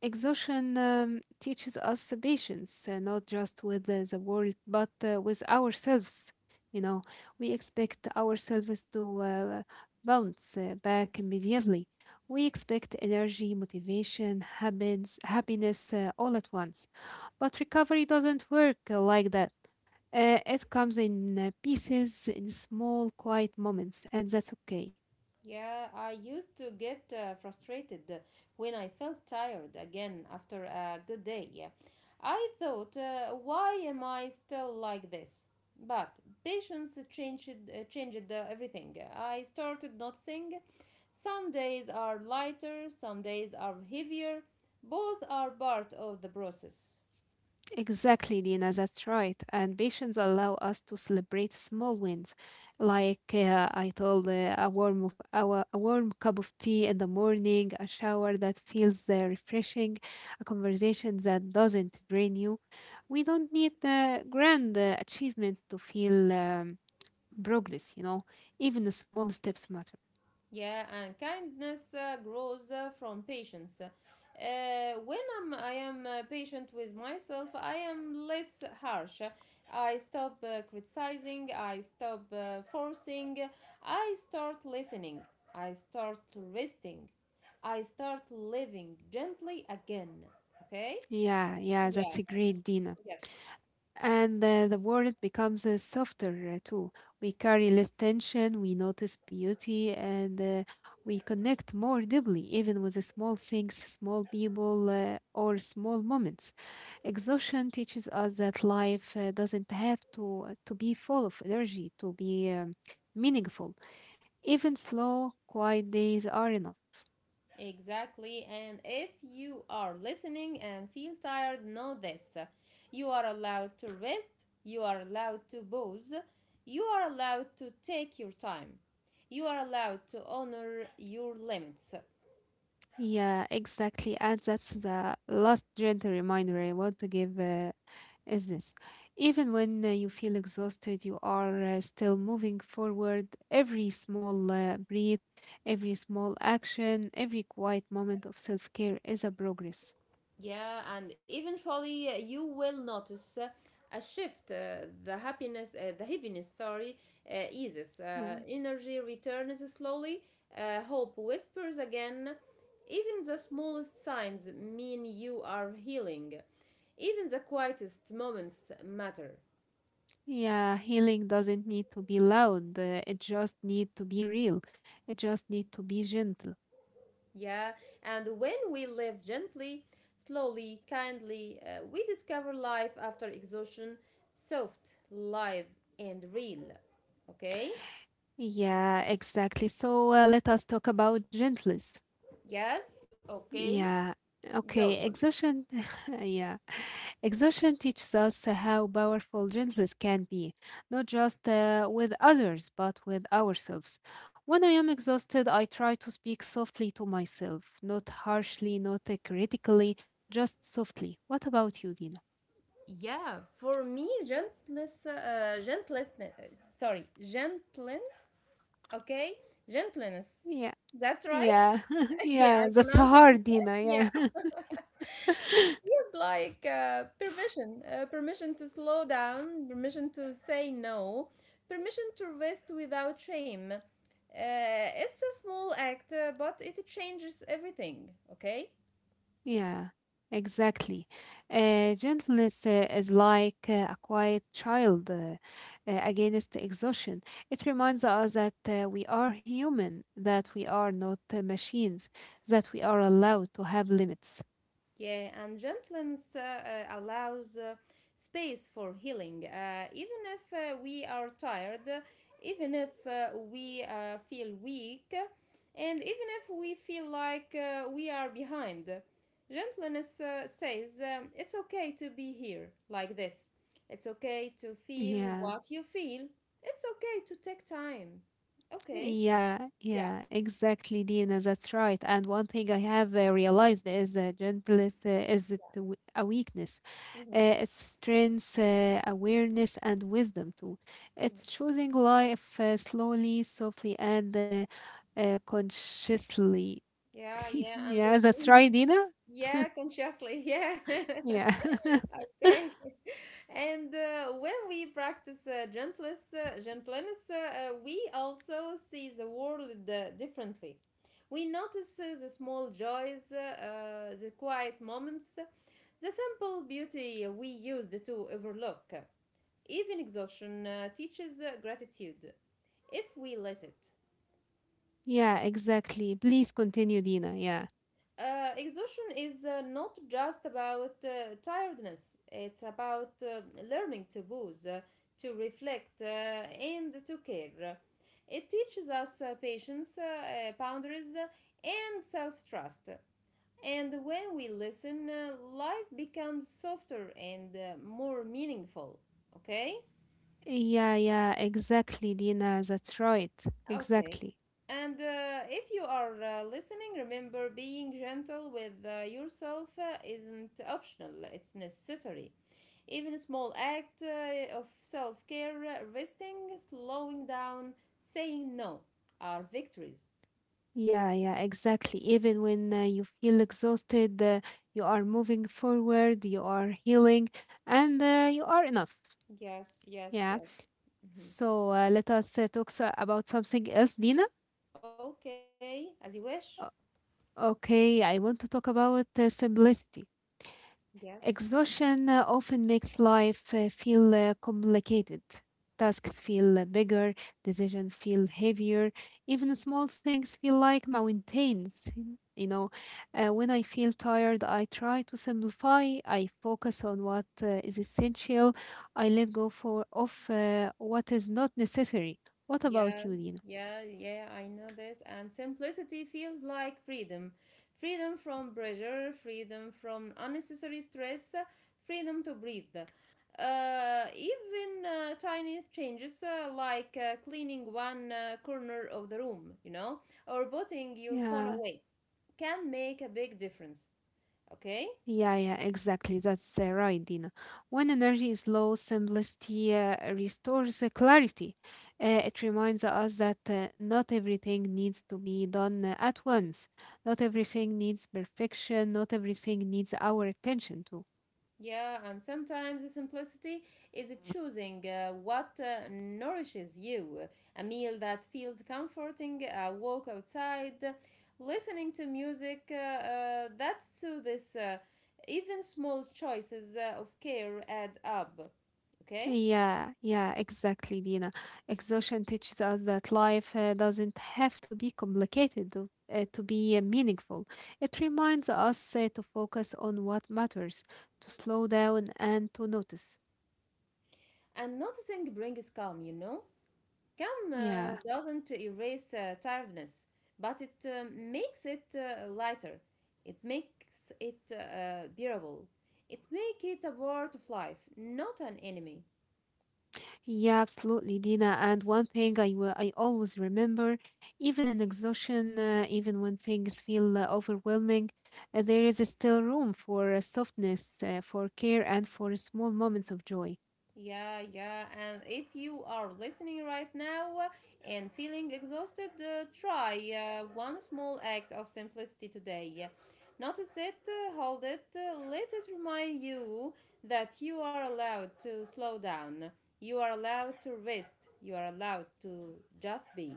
Speaker 1: Exhaustion teaches us patience, not just with the world, but with ourselves. You know, we expect ourselves to bounce back immediately. We expect energy, motivation, habits, happiness all at once. But recovery doesn't work like that. It comes in pieces, in small, quiet moments, and that's okay.
Speaker 2: Yeah, I used to get frustrated when I felt tired again after a good day. Yeah. I thought, why am I still like this? But patience changed everything. I started noticing some days are lighter, some days are heavier. Both are part of the process.
Speaker 1: Exactly, Dina, that's right. And patience allow us to celebrate small wins. Like I told, a, warm, of- a, wa- a warm cup of tea in the morning, a shower that feels refreshing, a conversation that doesn't drain you. We don't need grand achievements to feel progress, you know. Even the small steps matter.
Speaker 2: Yeah, and kindness grows from patience. When I am patient with myself, I am less harsh. I stop criticizing, I stop forcing, I start listening, I start resting, I start living gently again. Okay?
Speaker 1: Yeah,
Speaker 2: Yeah,
Speaker 1: that's a great, Dina.
Speaker 2: yes.
Speaker 1: And the world becomes softer too. We carry less tension, we notice beauty, and we connect more deeply, even with the small things, small people, or small moments. Exhaustion teaches us that life doesn't have to to be full of energy to be meaningful. Even slow, quiet days are enough.
Speaker 2: Exactly. And if you are listening and feel tired, know this. You are allowed to rest, you are allowed to pause, you are allowed to take your time, you are allowed to honor your limits.
Speaker 1: Yeah, exactly. And that's the last gentle reminder I want to give is this. Even when you feel exhausted, you are still moving forward. Every small breath, every small action, every quiet moment of self care is a progress.
Speaker 2: Yeah, and eventually you will notice a shift. The heaviness, sorry, eases.
Speaker 1: Yeah.
Speaker 2: Energy returns slowly. Hope whispers again. Even the smallest signs mean you are healing. Even the quietest moments matter.
Speaker 1: Yeah, healing doesn't need to be loud. It just need to be real. It just need to be gentle.
Speaker 2: Yeah, and when we live gently, slowly, kindly, we discover life after exhaustion, soft, live, and real. Okay?
Speaker 1: Yeah, exactly. So let us talk about gentleness.
Speaker 2: Yes, okay,
Speaker 1: Yeah.
Speaker 2: go on.
Speaker 1: Okay. Exhaustion. Yeah. Exhaustion teaches us how powerful gentleness can be, not just with others, but with ourselves. When I am exhausted, I try to speak softly to myself, not harshly, not critically, just softly. What about you, Dina?
Speaker 2: Yeah. For me, gentleness, gentleness, sorry, gentlen, okay, gentleness.
Speaker 1: Yeah.
Speaker 2: That's right.
Speaker 1: Yeah.
Speaker 2: Yeah, I
Speaker 1: Yeah. That's
Speaker 2: pronounced it this
Speaker 1: hard,
Speaker 2: way.
Speaker 1: Dina.
Speaker 2: Yeah,
Speaker 1: Yeah.
Speaker 2: it's like permission, permission to slow down, permission to say no, permission to rest without shame. It's a small act, but it changes everything. Okay.
Speaker 1: Yeah, exactly. Gentleness is like a quiet child against exhaustion. It reminds us that we are human, that we are not machines, that we are allowed to have limits.
Speaker 2: Yeah, and gentleness allows space for healing. Even if we are tired, even if we feel weak, and even if we feel like we are behind, gentleness says it's okay to be here like this. It's okay to feel
Speaker 1: Yeah.
Speaker 2: what you feel. It's okay to take time. Okay.
Speaker 1: Yeah,
Speaker 2: Yeah.
Speaker 1: yeah, exactly, Dina. That's right. And one thing I have realized is gentleness isn't a weakness.
Speaker 2: Mm-hmm.
Speaker 1: It's strength, awareness, and wisdom too. It's
Speaker 2: Yes.
Speaker 1: choosing life slowly, softly, and consciously.
Speaker 2: Yeah, yeah, and
Speaker 1: Yeah,
Speaker 2: the
Speaker 1: that's
Speaker 2: wind.
Speaker 1: right, Dina.
Speaker 2: Yeah, consciously. Yeah.
Speaker 1: Yeah.
Speaker 2: Okay. And when we practice gentleness, we also see the world differently. We notice the small joys, the quiet moments, the simple beauty we used to overlook. Even exhaustion teaches gratitude if we let it.
Speaker 1: Yeah, exactly. Please continue, Dina. Yeah.
Speaker 2: Exhaustion is not just about tiredness, it's about learning to pause, to reflect, and to care. It teaches us patience, boundaries, and self trust. And when we listen, life becomes softer and more meaningful. Okay?
Speaker 1: Yeah, exactly, Dina. That's right.
Speaker 2: Okay.
Speaker 1: Exactly.
Speaker 2: And if you are listening, remember being gentle with yourself isn't optional, it's necessary. Even a small act of self care, resting, slowing down, saying no, are victories.
Speaker 1: Yeah, exactly. Even when you feel exhausted, you are moving forward, you are healing, and you are enough.
Speaker 2: Yes, yes,
Speaker 1: Yeah.
Speaker 2: yes. Mhm.
Speaker 1: So let us about something else, Dina.
Speaker 2: Okay, as you wish.
Speaker 1: O- Okay, I want to talk about simplicity.
Speaker 2: Yes.
Speaker 1: Exhaustion often makes life feel complicated. Tasks feel bigger, decisions feel heavier, even small things feel like mountains. You know, when I feel tired, I try to simplify, I focus on what is essential, I let go of what is not necessary. What
Speaker 2: Yeah,
Speaker 1: about you, Nina?
Speaker 2: yeah, yeah, I know this. And simplicity feels like freedom. Freedom from pressure, freedom from unnecessary stress, freedom to breathe. Even tiny changes like cleaning one corner of the room, you know, or putting your phone
Speaker 1: Yeah.
Speaker 2: away can make a big difference. Okay?
Speaker 1: Yeah, exactly. That's right, Dina. When energy is low, simplicity restores clarity. It reminds us that not everything needs to be done at once. Not everything needs perfection. Not everything needs our attention too.
Speaker 2: Yeah, and sometimes the simplicity is choosing what nourishes you. A meal that feels comforting, a walk outside, listening to music. That's to this. Even small choices of care add up. Okay?
Speaker 1: Yeah, exactly, Dina. Exhaustion teaches us that life doesn't have to be complicated to be meaningful. It reminds us to focus on what matters, to slow down and to notice.
Speaker 2: And noticing brings calm, you know? Calm
Speaker 1: Yeah,
Speaker 2: doesn't erase tiredness, but it makes it lighter. It makes it bearable. It makes it a part of life, not an enemy.
Speaker 1: yeah, absolutely, Dina. And one thing I always remember, even in exhaustion, even when things feel overwhelming, there is still room for softness, for care, and for small moments of joy.
Speaker 2: Yeah, yeah. And if you are listening right now and feeling exhausted, try one small act of simplicity today. Notice it, hold it, let it remind you that you are allowed to slow down. You are allowed to rest. You are allowed to just be.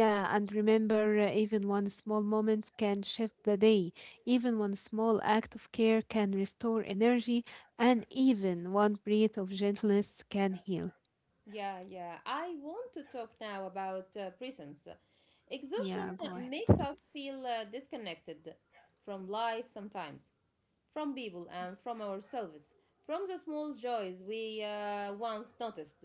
Speaker 1: Yeah, and remember, even one small moment can shift the day. Even one small act of care can restore energy, and even one breath of gentleness can heal.
Speaker 2: Yeah, yeah. I want to talk now about prisons.
Speaker 1: Yeah, go ahead.
Speaker 2: Exhaustion makes us feel disconnected from life sometimes, from people and from ourselves, from the small joys we once noticed.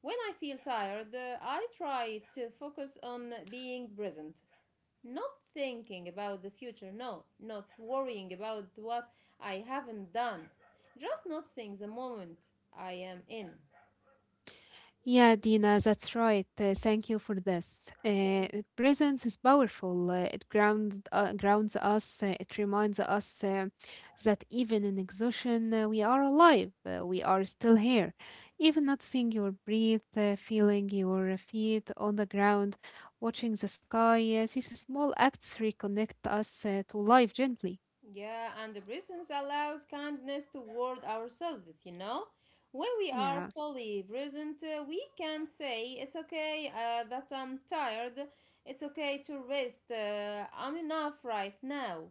Speaker 2: When I feel tired, I try to focus on being present, not thinking about the future, no, not worrying about what I haven't done, just noticing the moment I am in.
Speaker 1: Yeah, Dina, that's right. Thank you for this. Presence is powerful. It grounds us. It reminds us that even in exhaustion, we are alive. We are still here. Even noticing your breath, feeling your feet on the ground, watching the sky. These small acts reconnect us to life gently.
Speaker 2: Yeah, and the presence allows kindness toward ourselves, you know? When we are
Speaker 1: Yeah.
Speaker 2: fully present, we can say, "It's okay that I'm tired. It's okay to rest. I'm enough right now."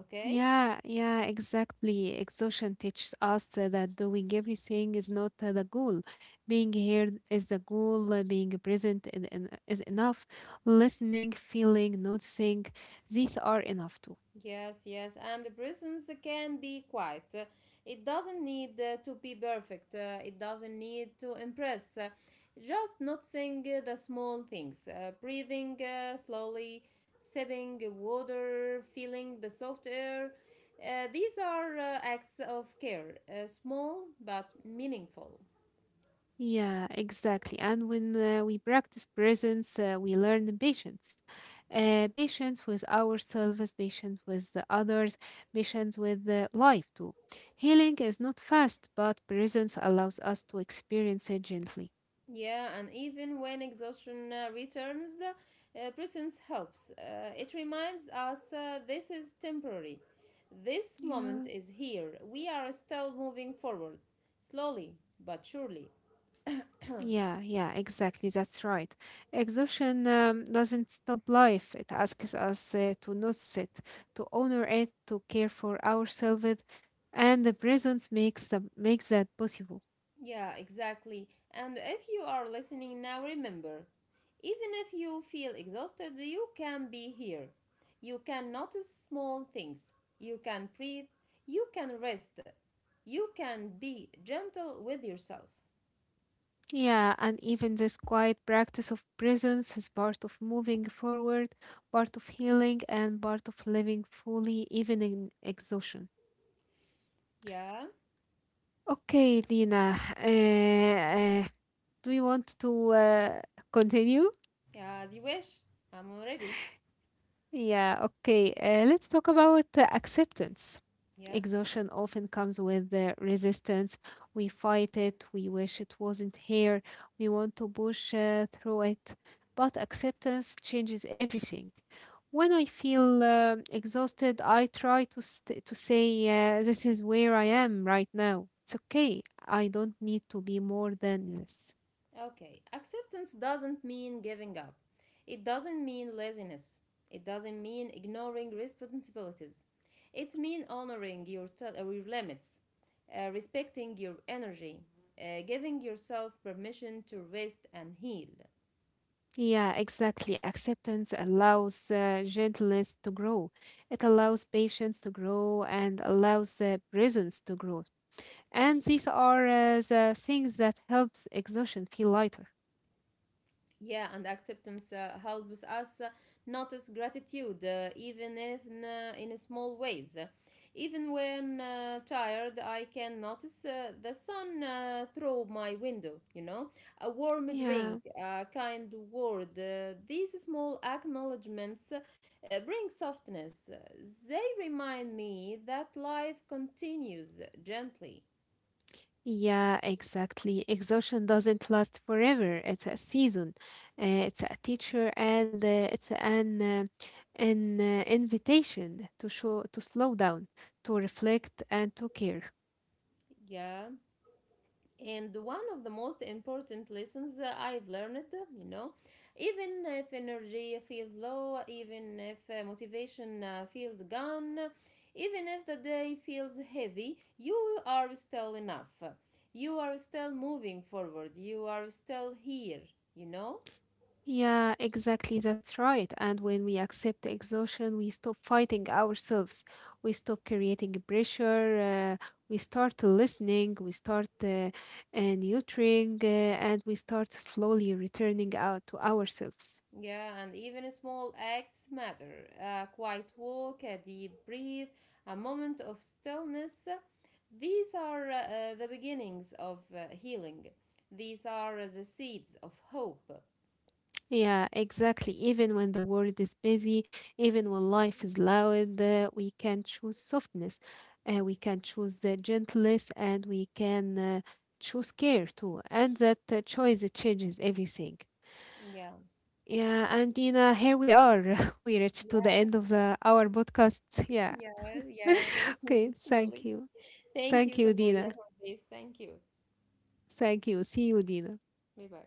Speaker 2: Okay?
Speaker 1: Yeah, exactly. Exhaustion teaches us that doing everything is not the goal. Being here is the goal, being present is enough. Listening, feeling, noticing, these are enough too.
Speaker 2: Yes, yes, and the presence can be quiet. It doesn't need to be perfect. It doesn't need to impress. Just noticing the small things, breathing slowly, sipping water, feeling the soft air. These are acts of care, small but meaningful.
Speaker 1: Yeah, exactly. And when we practice presence, we learn patience. Patience with ourselves, patience with the others, patience with life too. Healing is not fast, but presence allows us to experience it gently.
Speaker 2: Yeah, and even when exhaustion returns, the presence helps. It reminds us this is temporary. This
Speaker 1: Yeah,
Speaker 2: moment is here. We are still moving forward, slowly but surely.
Speaker 1: yeah, exactly. That's right. Exhaustion doesn't stop life. It asks us to notice it, to honor it, to care for ourselves, and the presence makes makes that possible.
Speaker 2: Yeah, exactly. And if you are listening now, remember even if you feel exhausted, you can be here. You can notice small things. You can breathe. You can rest. You can be gentle with yourself.
Speaker 1: Yeah, and even this quiet practice of presence is part of moving forward, part of healing, and part of living fully, even in exhaustion.
Speaker 2: Yeah,
Speaker 1: Okay, Lina, uh, uh, do you want to continue?
Speaker 2: yeah, as you wish. I'm already.
Speaker 1: Yeah, okay. Let's talk about acceptance.
Speaker 2: Yes.
Speaker 1: Exhaustion often comes with resistance. We fight it, we wish it wasn't here, we want to push through it. But acceptance changes everything. When I feel exhausted, I try to say, "This is where I am right now. It's okay. I don't need to be more than this."
Speaker 2: Okay. Acceptance doesn't mean giving up. It doesn't mean laziness. It doesn't mean ignoring responsibilities. It means honoring your, your limits, respecting your energy, giving yourself permission to rest and heal.
Speaker 1: Yeah, exactly. Acceptance allows gentleness to grow. It allows patience to grow and allows presence to grow. And these are the things that helps exhaustion feel lighter.
Speaker 2: Yeah, and acceptance helps us notice gratitude, even if in small ways. Even when tired, I can notice the sun through my window, you know, a warm
Speaker 1: Yeah.
Speaker 2: drink, a kind word. These small acknowledgements bring softness. They remind me that life continues gently.
Speaker 1: Yeah, exactly. Exhaustion doesn't last forever. It's a season. It's a teacher and it's an invitation to slow down, to reflect and to care.
Speaker 2: Yeah. And one of the most important lessons I've learned, you know, even if energy feels low, even if motivation feels gone, even if the day feels heavy, you are still enough. You are still moving forward. You are still here, you know?
Speaker 1: Yeah, exactly. That's right. And when we accept the exhaustion, we stop fighting ourselves. We stop creating pressure. We start listening. We start nurturing, and we start slowly returning out to ourselves.
Speaker 2: Yeah, and even small acts matter. A quiet walk, a deep breath, a moment of stillness. These are the beginnings of healing. These are the seeds of hope.
Speaker 1: Yeah, exactly. Even when the world is busy, even when life is loud, we can choose softness. We can choose the gentleness, and we can choose care too. And that choice changes everything.
Speaker 2: Yeah,
Speaker 1: Yeah, and Dina, here we are. We reached to the
Speaker 2: yeah,
Speaker 1: end of the our podcast. Yeah.
Speaker 2: yeah, yeah.
Speaker 1: Okay,
Speaker 2: Totally.
Speaker 1: thank you.
Speaker 2: Thank you
Speaker 1: Thank
Speaker 2: so
Speaker 1: you,
Speaker 2: much, yeah,
Speaker 1: Dina.
Speaker 2: for this. Thank you.
Speaker 1: Thank you. See you, Dina.
Speaker 2: Bye bye.